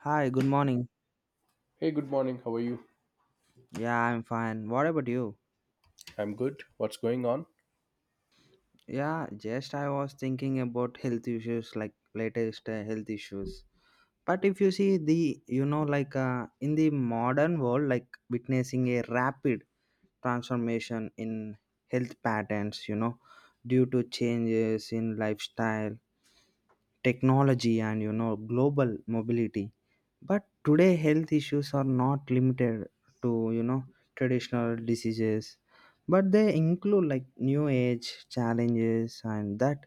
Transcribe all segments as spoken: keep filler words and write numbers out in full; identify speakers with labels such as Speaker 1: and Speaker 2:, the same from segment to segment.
Speaker 1: Hi, good morning.
Speaker 2: Hey, good morning. How are you?
Speaker 1: Yeah, I'm fine. What about you?
Speaker 2: I'm good. What's going on?
Speaker 1: Yeah, just I was thinking about health issues, like latest uh, health issues. But if you see the, you know, like uh, in the modern world, like witnessing a rapid transformation in health patterns, you know, due to changes in lifestyle, technology, and, you know, global mobility. But today health issues are not limited to you know traditional diseases, but they include like new age challenges and that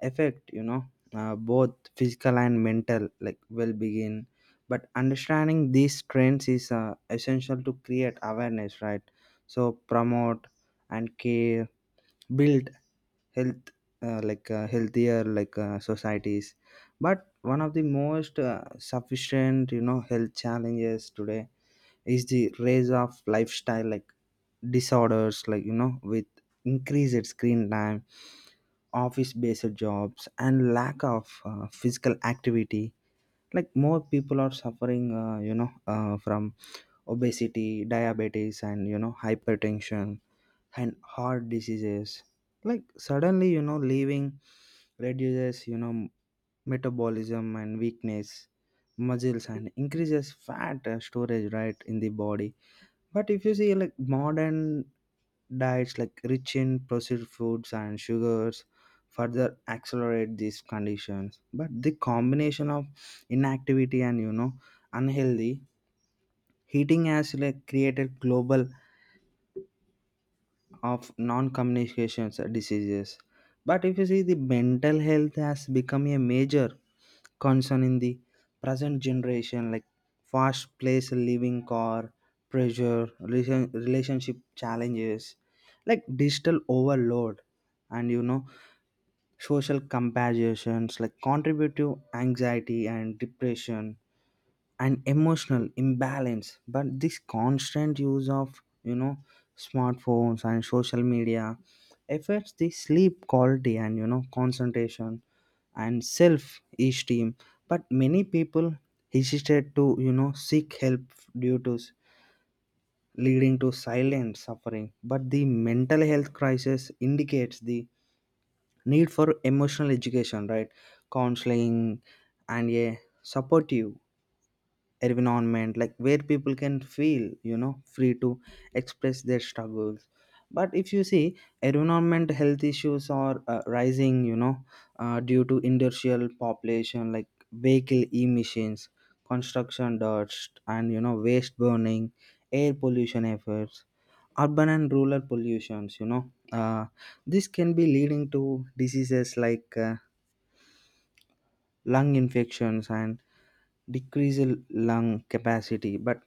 Speaker 1: affect you know uh, both physical and mental like well-being. But understanding these trends is uh, essential to create awareness, right? So promote and care, build health, uh, like uh, healthier like uh, societies. But one of the most uh, sufficient you know health challenges today is the rise of lifestyle like disorders, like you know with increased screen time, office based jobs, and lack of uh, physical activity, like more people are suffering uh, you know uh, from obesity, diabetes, and you know hypertension and heart diseases, like suddenly you know leaving reduces you know metabolism and weakness muscles and increases fat uh, storage right in the body. But if you see like modern diets like rich in processed foods and sugars further accelerate these conditions. But the combination of inactivity and you know unhealthy eating has like created global of non-communication diseases. But if you see, the mental health has become a major concern in the present generation, like fast place living, car pressure, relation, relationship challenges, like digital overload and you know social comparisons, like contribute to anxiety and depression and emotional imbalance. But this constant use of you know smartphones and social media affects the sleep quality and you know concentration and self esteem. But many people hesitate to you know seek help due to s- leading to silent suffering. But the mental health crisis indicates the need for emotional education, right, counseling, and a supportive environment like where people can feel you know free to express their struggles. But if you see, environment health issues are uh, rising, you know uh, due to industrial population like vehicle emissions, construction dust, and you know waste burning, air pollution efforts, urban and rural pollutions, you know uh, this can be leading to diseases like uh, lung infections and decrease lung capacity. But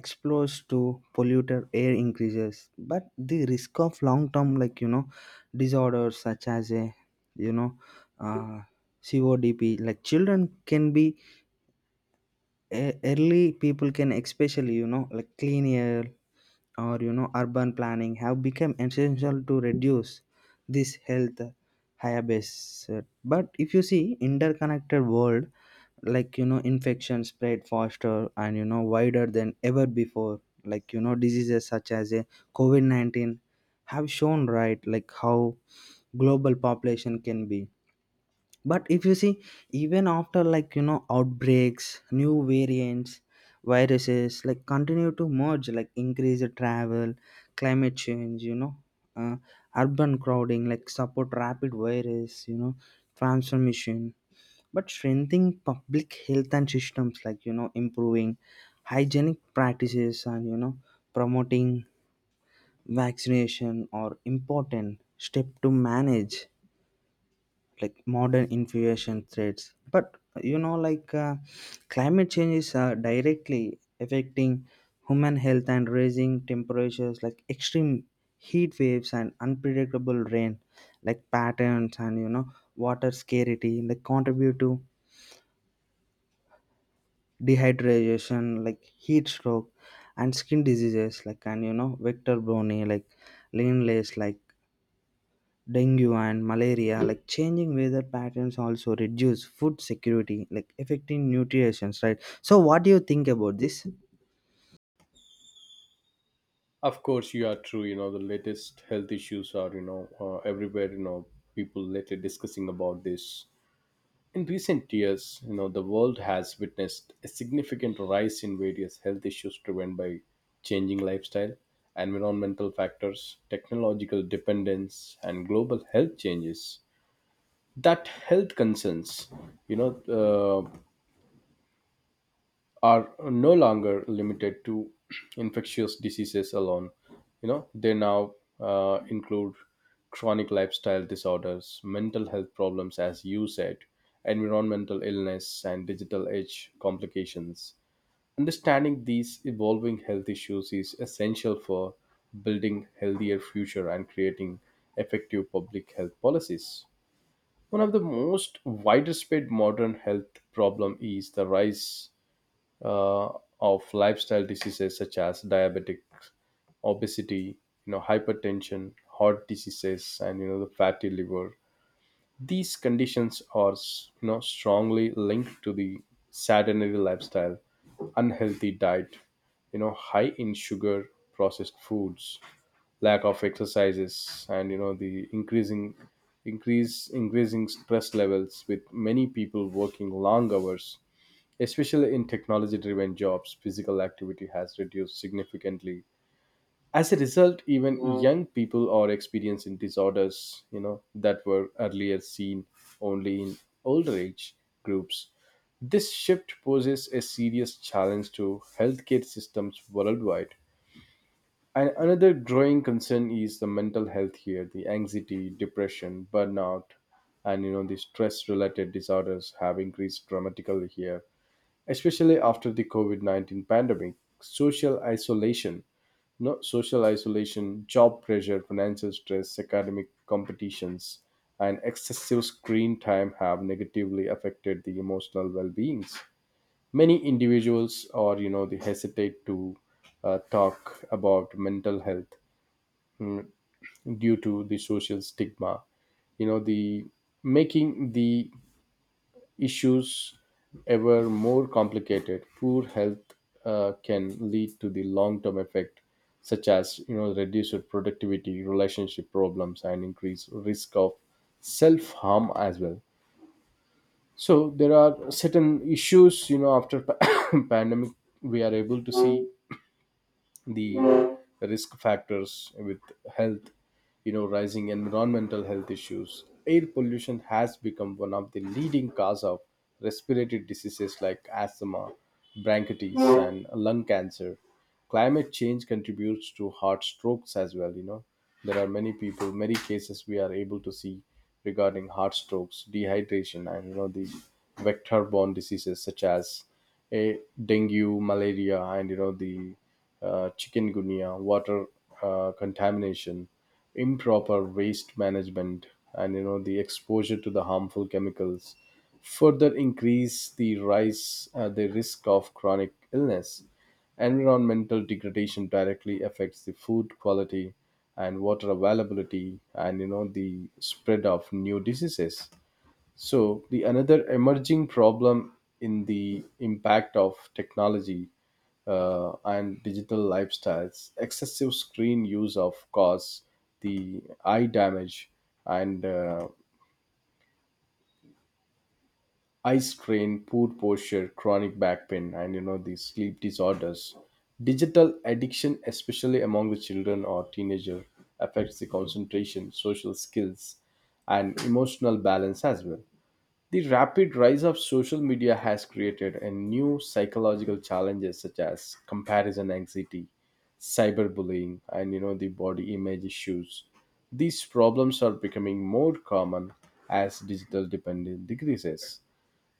Speaker 1: exposure to polluted air increases but the risk of long term like you know disorders such as a you know uh, codp, like children can be e- early people can, especially you know like clean air or you know urban planning have become essential to reduce this health hiatus. But if you see interconnected world, like you know infection spread faster and you know wider than ever before, like you know diseases such as a covid nineteen have shown, right, like how global population can be. But if you see, even after like you know outbreaks, new variants, viruses like continue to merge, like increase the travel, climate change, you know uh, urban crowding like support rapid virus you know transformation. But strengthening public health and systems, like you know improving hygienic practices and you know promoting vaccination are important step to manage like modern infection threats. But you know like uh, climate change is uh, directly affecting human health and raising temperatures, like extreme heat waves and unpredictable rain like patterns and you know water scarcity like contribute to dehydration, like heat stroke and skin diseases, like and you know vector borne like leanlace like dengue and malaria, like changing weather patterns also reduce food security, like affecting nutrition, right? So what do you think about this?
Speaker 2: Of course, you are true. You know, the latest health issues are, you know, uh, everywhere, you know, people later discussing about this. In recent years, you know, the world has witnessed a significant rise in various health issues driven by changing lifestyle, environmental factors, technological dependence, and global health changes. That health concerns, you know, uh, are no longer limited to infectious diseases alone. You know, they now uh, include chronic lifestyle disorders, mental health problems, as you said, environmental illness, and digital age complications. Understanding these evolving health issues is essential for building healthier future and creating effective public health policies. One of the most widespread modern health problem is the rise uh, of lifestyle diseases such as diabetic, obesity, you know, hypertension, heart diseases, and you know the fatty liver. These conditions are s- you know strongly linked to the sedentary lifestyle, unhealthy diet, you know, high in sugar, processed foods, lack of exercises, and you know the increasing increase increasing stress levels with many people working long hours. Especially in technology driven jobs, physical activity has reduced significantly. As a result, even Mm. young people are experiencing disorders, you know, that were earlier seen only in older age groups. This shift poses a serious challenge to healthcare systems worldwide. And another growing concern is the mental health here, the anxiety, depression, burnout, and you know the stress related disorders have increased dramatically here, especially after the COVID nineteen pandemic, social isolation, no, social isolation, job pressure, financial stress, academic competitions, and excessive screen time have negatively affected the emotional well beings. Many individuals, or you know, they hesitate to uh, talk about mental health due to the social stigma, you know the making the issues ever more complicated. Poor health uh, can lead to the long-term effect, such as you know reduced productivity, relationship problems, and increased risk of self-harm as well. So there are certain issues, you know after pandemic we are able to see the risk factors with health. You know rising environmental health issues, air pollution has become one of the leading cause of respiratory diseases like asthma, bronchitis, and lung cancer. Climate change contributes to heart strokes as well. You know there are many people, many cases we are able to see regarding heart strokes, dehydration, and you know the vector borne diseases such as a dengue, malaria, and you know the uh, chikungunya, water uh, contamination, improper waste management, and you know the exposure to the harmful chemicals further increase the rise uh, the risk of chronic illness. Environmental degradation directly affects the food quality and water availability and you know the spread of new diseases. So the another emerging problem in the impact of technology uh, and digital lifestyles, excessive screen use of cause the eye damage and uh, eye strain, poor posture, chronic back pain, and you know these sleep disorders. Digital addiction, especially among the children or teenager, affects the concentration, social skills, and emotional balance as well. The rapid rise of social media has created a new psychological challenges such as comparison anxiety, cyberbullying, and you know the body image issues. These problems are becoming more common as digital dependence decreases.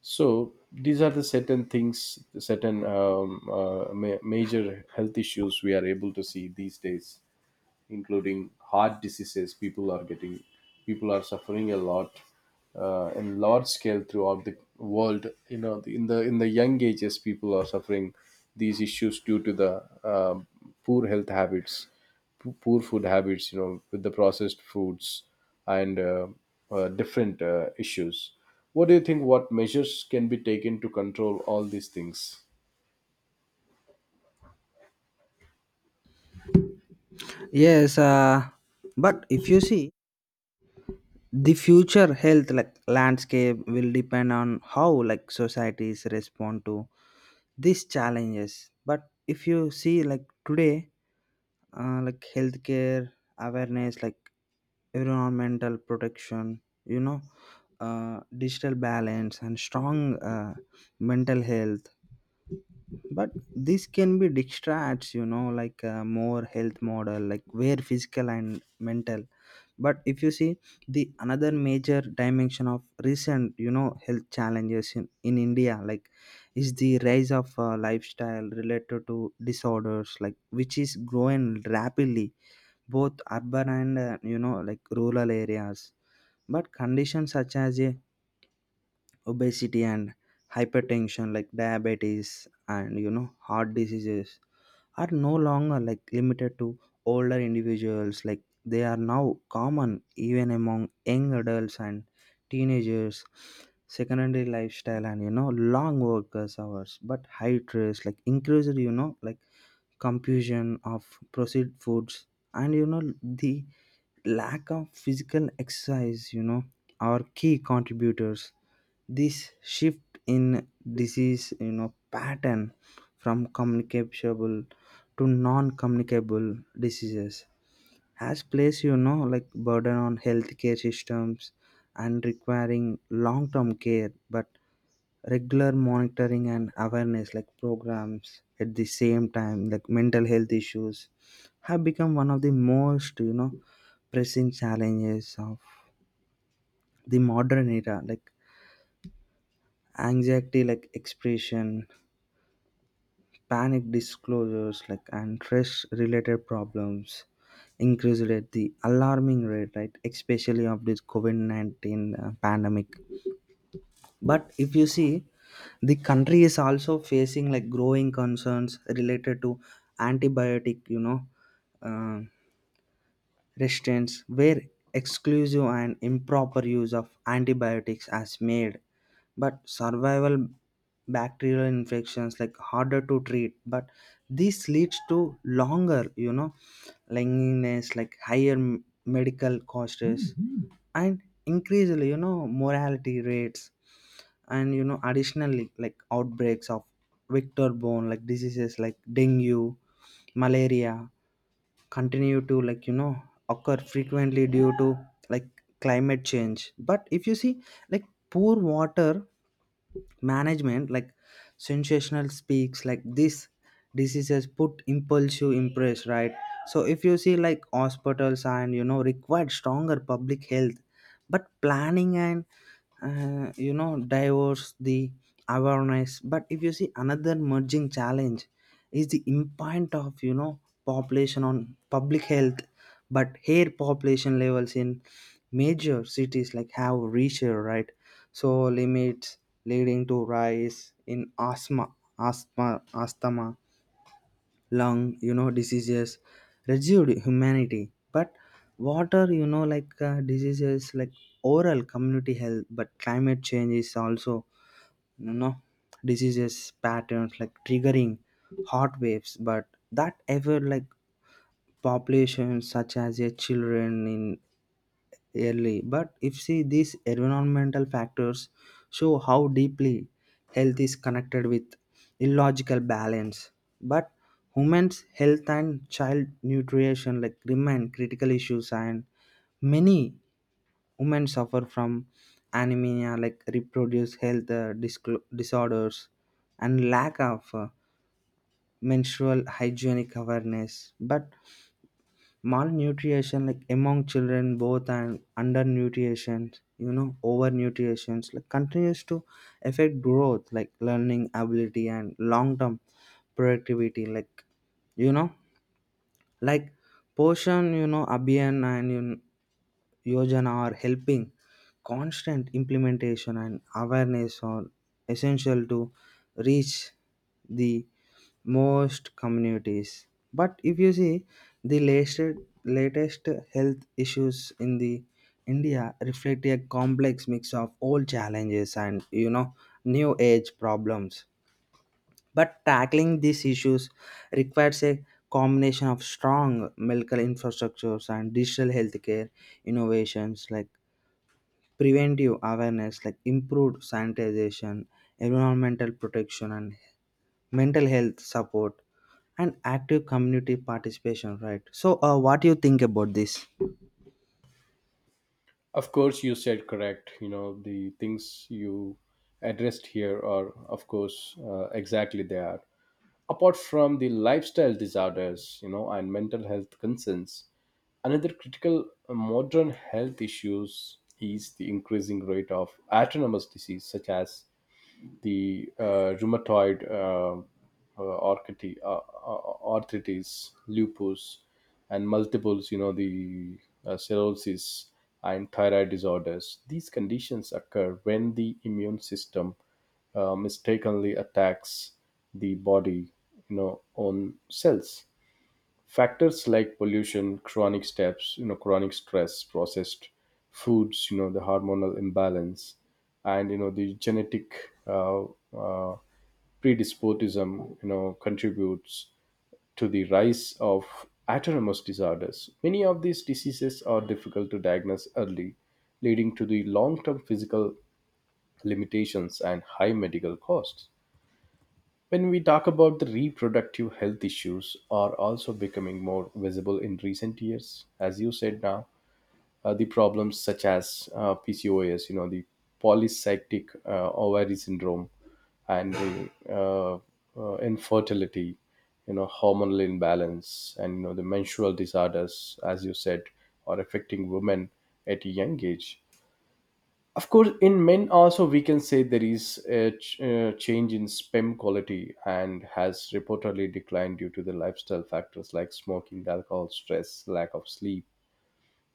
Speaker 2: So these are the certain things, certain um, uh, ma- major health issues we are able to see these days, including heart diseases. People are getting, people are suffering a lot, uh, in large scale throughout the world. You know, in the in the young ages, people are suffering these issues due to the um poor health habits, p- poor food habits. You know, with the processed foods and uh, uh, different uh, issues. What do you think? What measures can be taken to control all these things?
Speaker 1: Yes, uh, but if you see, the future health like landscape will depend on how like societies respond to these challenges. But if you see like today uh, like healthcare awareness, like environmental protection, you know uh, digital balance and strong uh, mental health, but this can be distracts you know like a more health model like where physical and mental. But if you see, the another major dimension of recent you know health challenges in, in india like is the rise of uh, lifestyle related to disorders like which is growing rapidly, both urban and uh, you know like rural areas. But conditions such as uh, obesity and hypertension, like diabetes and you know heart diseases are no longer like limited to older individuals, like they are now common even among young adults and teenagers. Secondary lifestyle and you know long workers hours, but high stress like increased you know like confusion of processed foods and you know the lack of physical exercise, you know are key contributors. This shift in disease you know pattern from communicable to non-communicable diseases has placed you know like burden on healthcare systems and requiring long-term care. But regular monitoring and awareness like programs, at the same time like mental health issues have become one of the most you know pressing challenges of the modern era, like anxiety like expression, panic disclosures, like and stress related problems increased at the alarming rate, right, especially of this covid nineteen uh, pandemic. But if you see, the country is also facing like growing concerns related to antibiotic, you know, uh, restraints where exclusive and improper use of antibiotics has made but survival bacterial infections like harder to treat. But this leads to longer you know lengthiness, like higher m- medical costs. Mhm. And increasingly you know mortality rates and you know additionally like outbreaks of vector borne like diseases like dengue, malaria continue to like you know occur frequently due to like climate change. But if you see like poor water management, like sensational speaks like this diseases put impulsive impress, right? So if you see like hospitals and you know required stronger public health, but planning and uh, you know diverse the awareness. But if you see, another merging challenge is the impact of you know population on public health. But here population levels in major cities like have reached, right, so limits, leading to rise in asthma, asthma asthma lung you know diseases, reduced humanity. But water you know like uh, diseases like oral community health. But climate change is also you know diseases patterns like triggering hot waves, but that ever like populations such as a children in early. But if see these environmental factors show how deeply health is connected with illogical balance. But women's health and child nutrition like remain critical issues, and many women suffer from anemia, like reproduce health uh, disclo disorders and lack of uh, menstrual hygienic awareness. But malnutrition like among children, both and undernutrition, you know overnutrition like continues to affect growth, like learning ability and long term productivity, like you know like portion you know abian and you Yojana are helping. Constant implementation and awareness are essential to reach the most communities. But if you see the latest latest health issues in the India reflect a complex mix of old challenges and you know new age problems. But tackling these issues requires a combination of strong medical infrastructures and digital healthcare innovations, like preventive awareness, like improved sanitization, environmental protection, and mental health support, and active community participation. Right. So, uh, what do you think about this?
Speaker 2: Of course, you said correct. You know, the things you addressed here are, of course, uh, exactly they are. Apart from the lifestyle disorders, you know, and mental health concerns, another critical uh, modern health issues is the increasing rate of autonomous disease such as the uh, rheumatoid uh, uh, architi- uh, uh, arthritis, lupus, and multiples, you know, the uh, cirrhosis and thyroid disorders. These conditions occur when the immune system uh, mistakenly attacks the body, you know, own cells. Factors like pollution, chronic steps you know chronic stress, processed foods, you know the hormonal imbalance, and you know the genetic uh, uh, predisposism you know contributes to the rise of autonomous disorders. Many of these diseases are difficult to diagnose early, leading to the long-term physical limitations and high medical costs. When we talk about the reproductive health issues are also becoming more visible in recent years. As you said now, uh, the problems such as uh, P C O S, you know, the polycystic uh, ovary syndrome and the uh, uh, infertility, you know, hormonal imbalance and, you know, the menstrual disorders, as you said, are affecting women at a young age. Of course, in men also we can say there is a ch- uh, change in sperm quality and has reportedly declined due to the lifestyle factors like smoking, alcohol, stress, lack of sleep,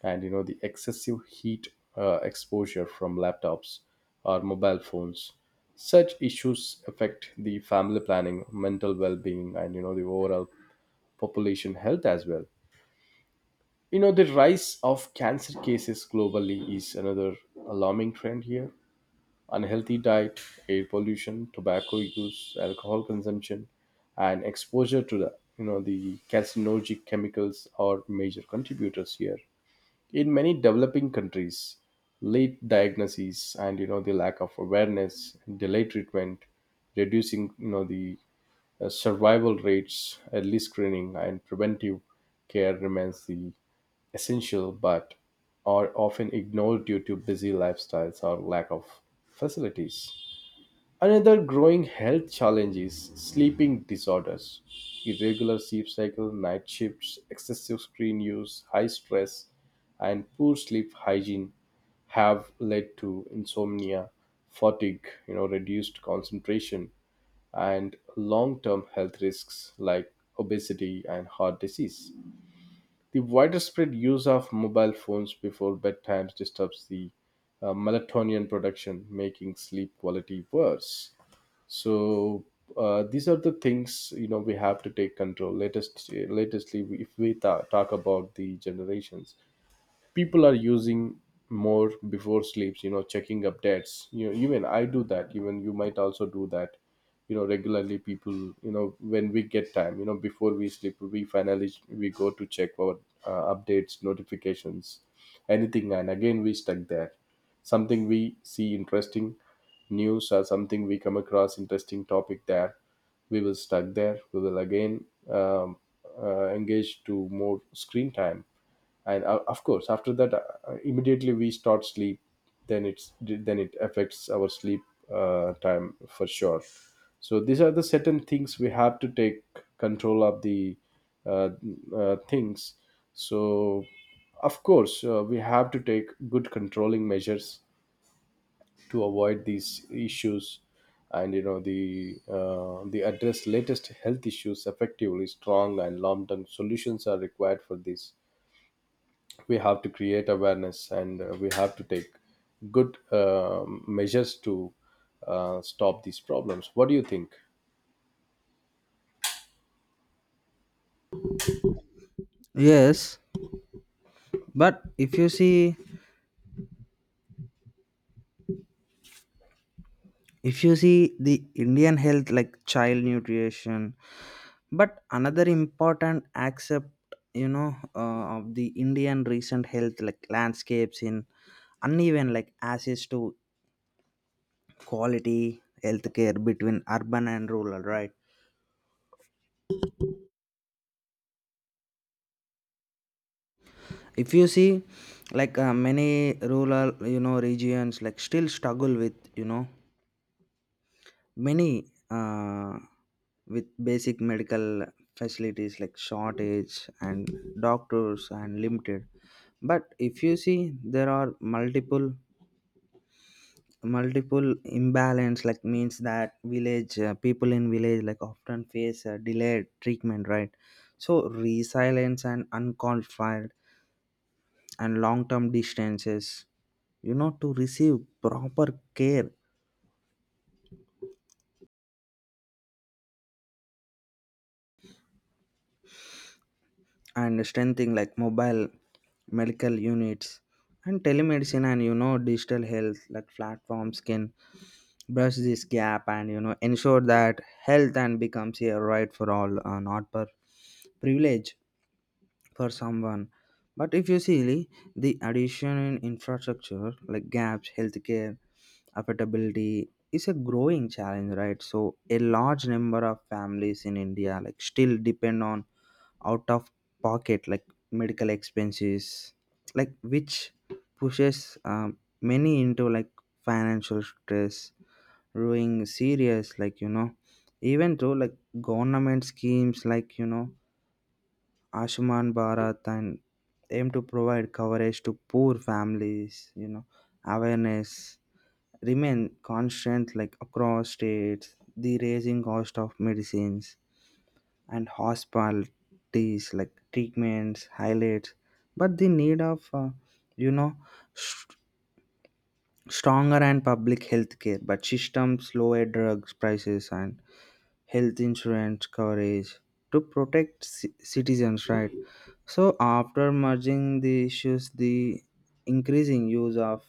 Speaker 2: and you know the excessive heat uh, exposure from laptops or mobile phones. Such issues affect the family planning, mental well-being, and you know the overall population health as well. You know, the rise of cancer cases globally is another alarming trend here. Unhealthy diet, air pollution, tobacco use, alcohol consumption, and exposure to the you know the carcinogenic chemicals are major contributors here. In many developing countries, late diagnoses and you know the lack of awareness delay treatment, reducing you know the uh, survival rates. Early screening and preventive care remains the essential but are often ignored due to busy lifestyles or lack of facilities. Another growing health challenge is sleeping disorders. Irregular sleep cycle, night shifts, excessive screen use, high stress, and poor sleep hygiene have led to insomnia, fatigue, you know, reduced concentration, and long-term health risks like obesity and heart disease. The widespread use of mobile phones before bedtimes disturbs the uh, melatonin production, making sleep quality worse. So uh, these are the things, you know we have to take control latest latestly. If we ta- talk about the generations, people are using more before sleeps, you know checking updates, you know even I do that, even you might also do that, you know regularly people, you know when we get time, you know before we sleep we finally we go to check our uh, updates, notifications, anything, and again we stuck there. Something we see interesting news or something we come across interesting topic there, we will stuck there, we will again um, uh, engage to more screen time and uh, of course after that uh, uh, immediately we start sleep, then it's then it affects our sleep uh, time for sure. So these are the certain things we have to take control of the uh, uh, things. So of course uh, we have to take good controlling measures to avoid these issues. And you know the uh, the address latest health issues effectively, strong and long term solutions are required for this. We have to create awareness and uh, we have to take good uh, measures to uh, stop these problems. What do you think?
Speaker 1: Yes, but if you see, if you see the Indian health like child nutrition. But another important aspect, you know, uh, of the Indian recent health like landscapes in uneven like access to quality healthcare between urban and rural, right? If you see, like uh, many rural, you know, regions like still struggle with, you know, many uh, with basic medical facilities like shortage and doctors and limited. But if you see, there are multiple multiple imbalance like means that village uh, people in village like often face uh, delayed treatment, right. So resilience and unqualified and long-term distances you know to receive proper care. And strengthening like mobile medical units and telemedicine and you know digital health like platforms can brush this gap and you know ensure that health and becomes a right for all, uh, not per privilege for someone. But if you see, the addition in infrastructure like gaps, healthcare affordability is a growing challenge, right? So a large number of families in India like still depend on out of pocket like medical expenses, like which pushes um, many into like financial stress, ruining serious like you know, even though like government schemes like you know Ayushman Bharat and aim to provide coverage to poor families, you know, awareness remain constant like across states, the raising cost of medicines and hospitalities like treatments highlights, but the need of uh, you know st- stronger and public health care, but systems lower drugs prices and health insurance coverage to protect ci- citizens, right. So after merging the issues, the increasing use of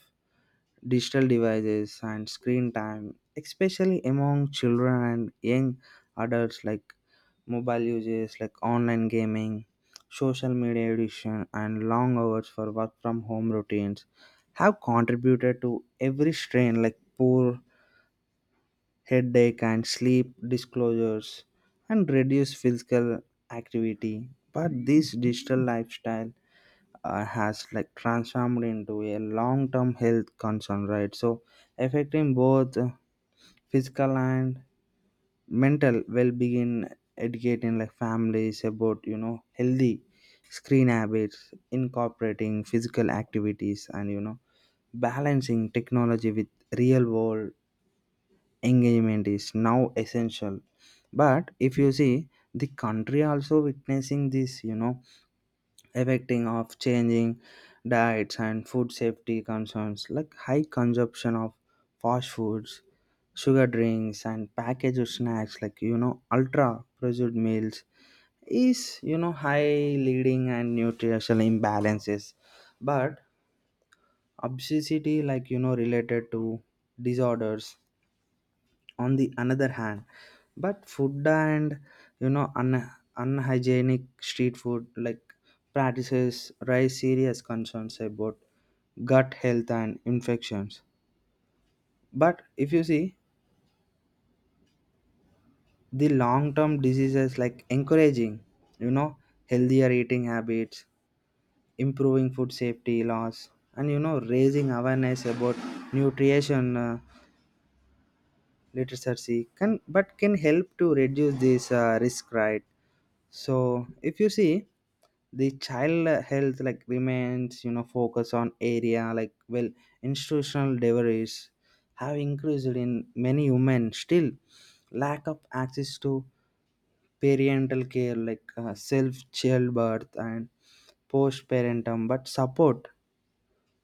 Speaker 1: digital devices and screen time, especially among children and young adults, like mobile uses, like online gaming, social media addiction, and long hours for work from home routines have contributed to every strain, like poor headache and sleep disclosures and reduce physical activity. But this digital lifestyle uh, has like transformed into a long-term health concern, right, so affecting both uh, physical and mental well-being. Educating like families about you know healthy screen habits, incorporating physical activities and you know balancing technology with real world engagement is now essential. But if you see the country also witnessing this you know affecting of changing diets and food safety concerns, like high consumption of fast foods, sugar drinks, and packaged snacks, like you know ultra processed meals is you know high leading and nutritional imbalances. But obesity like you know related to disorders on the another hand. But food and you know un- unhygienic street food like practices raise serious concerns about gut health and infections. But if you see the long term diseases like encouraging you know healthier eating habits, improving food safety laws and you know raising awareness about nutrition uh, literacy can but can help to reduce this uh, risk, right. So if you see the child health like remains you know focus on area, like well institutional deliveries have increased in many women, still lack of access to parental care like uh, self childbirth and postpartum, but support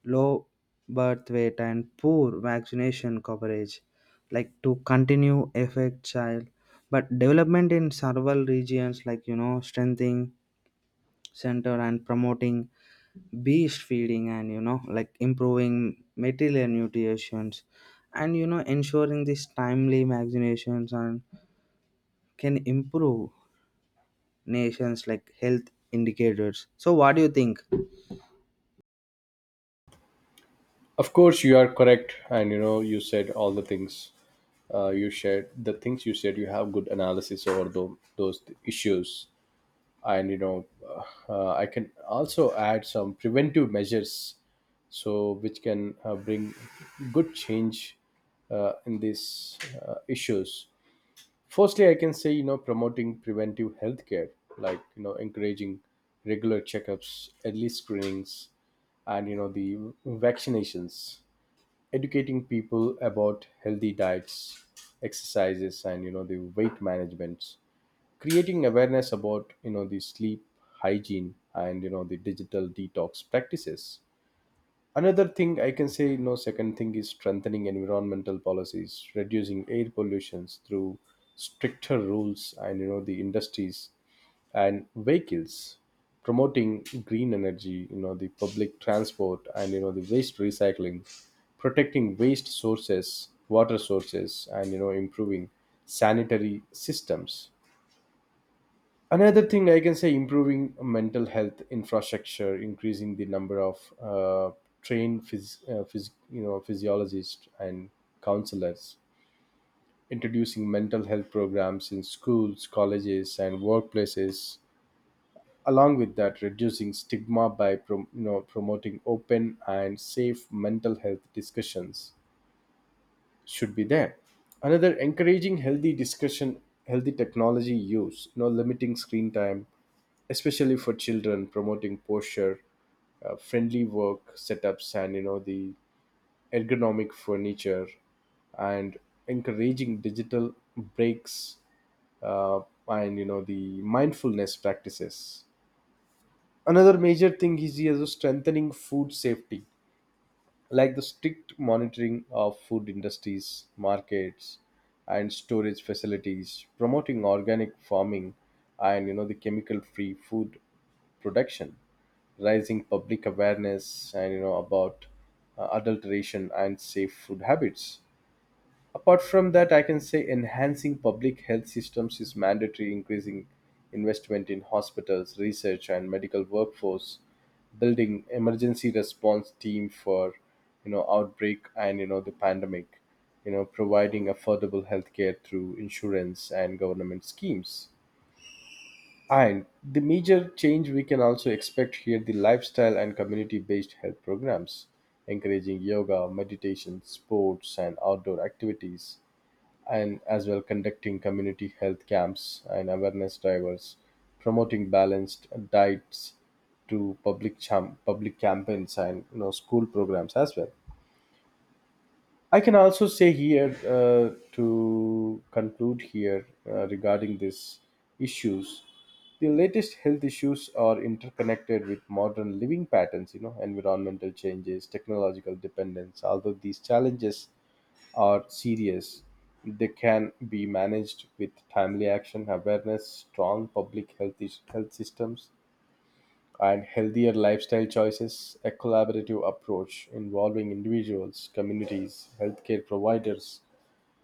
Speaker 1: low birth weight and poor vaccination coverage like to continue affect child but development in several regions, like you know strengthening center and promoting beast feeding and you know like improving material nutritions and you know ensuring these timely vaccinations and can improve nations like health indicators. So what do you think?
Speaker 2: Of course, you are correct and you know you said all the things, uh, you shared the things, you said you have good analysis over tho- those issues. And you know uh, I can also add some preventive measures so which can uh, bring good change uh, in these uh, issues. Firstly, I can say, you know promoting preventive healthcare, like you know encouraging regular checkups, early screenings, and you know the vaccinations, educating people about healthy diets, exercises, and you know the weight management, creating awareness about you know the sleep hygiene and you know the digital detox practices. Another thing I can say, you know second thing is strengthening environmental policies, reducing air pollutions through stricter rules, and you know the industries and vehicles, promoting green energy, you know the public transport, and you know the waste recycling, protecting waste sources water sources, and you know improving sanitary systems. Another thing I can say, improving mental health infrastructure, increasing the number of uh, trained phys- uh, phys- you know physiologists and counselors, introducing mental health programs in schools, colleges, and workplaces, along with that reducing stigma by prom- you know promoting open and safe mental health discussions should be there. Another encouraging healthy discussion, healthy technology use, you know, limiting screen time, especially for children, promoting posture, uh, friendly work setups, and you know the ergonomic furniture, and encouraging digital breaks, uh, and you know the mindfulness practices. Another major thing is also strengthening food safety, like the strict monitoring of food industries, markets, and storage facilities, promoting organic farming and you know the chemical-free food production, raising public awareness and you know about uh, adulteration and safe food habits. Apart from that, I can say enhancing public health systems is mandatory, increasing investment in hospitals, research, and medical workforce, building emergency response team for you know outbreak and you know the pandemic, you know providing affordable healthcare through insurance and government schemes. And the major change we can also expect here, the lifestyle and community based health programs, encouraging yoga, meditation, sports, and outdoor activities, and as well conducting community health camps and awareness drivers, promoting balanced diets to public cham- public campaigns and you know school programs as well. I can also say here, uh, to conclude here, uh, regarding these issues, the latest health issues are interconnected with modern living patterns, you know, environmental changes, technological dependence. Although these challenges are serious, they can be managed with timely action, awareness, strong public health, is- health systems, and healthier lifestyle choices. A collaborative approach involving individuals, communities, healthcare providers,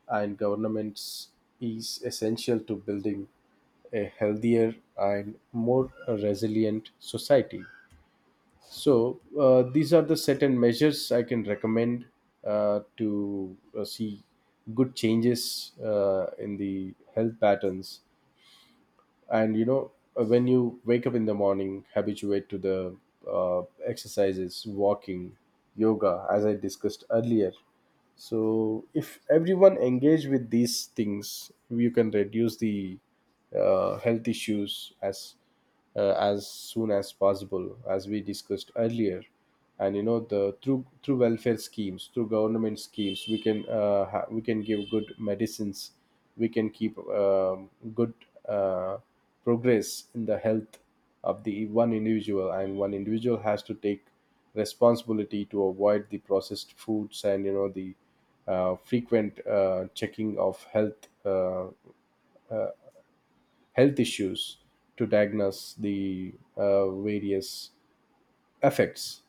Speaker 2: and governments is essential to building a healthier and more resilient society. So uh, these are the certain measures I can recommend uh, to uh, see good changes uh, in the health patterns. And you know, uh, when you wake up in the morning, habituate to the uh, exercises, walking, yoga, as I discussed earlier. So if everyone engage with these things, you can reduce the uh, health issues as uh, as soon as possible, as we discussed earlier. And you know, the through through welfare schemes, through government schemes, we can uh, ha- we can give good medicines. We can keep um, good uh, progress in the health of the one individual, and one individual has to take responsibility to avoid the processed foods and you know the uh, frequent uh, checking of health uh, health issues to diagnose the uh, various effects.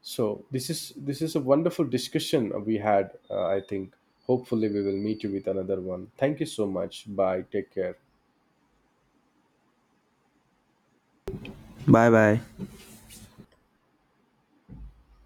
Speaker 2: So this is this is a wonderful discussion we had. uh, I think hopefully we will meet you with another one. Thank you so much. Bye, take care.
Speaker 1: Bye bye.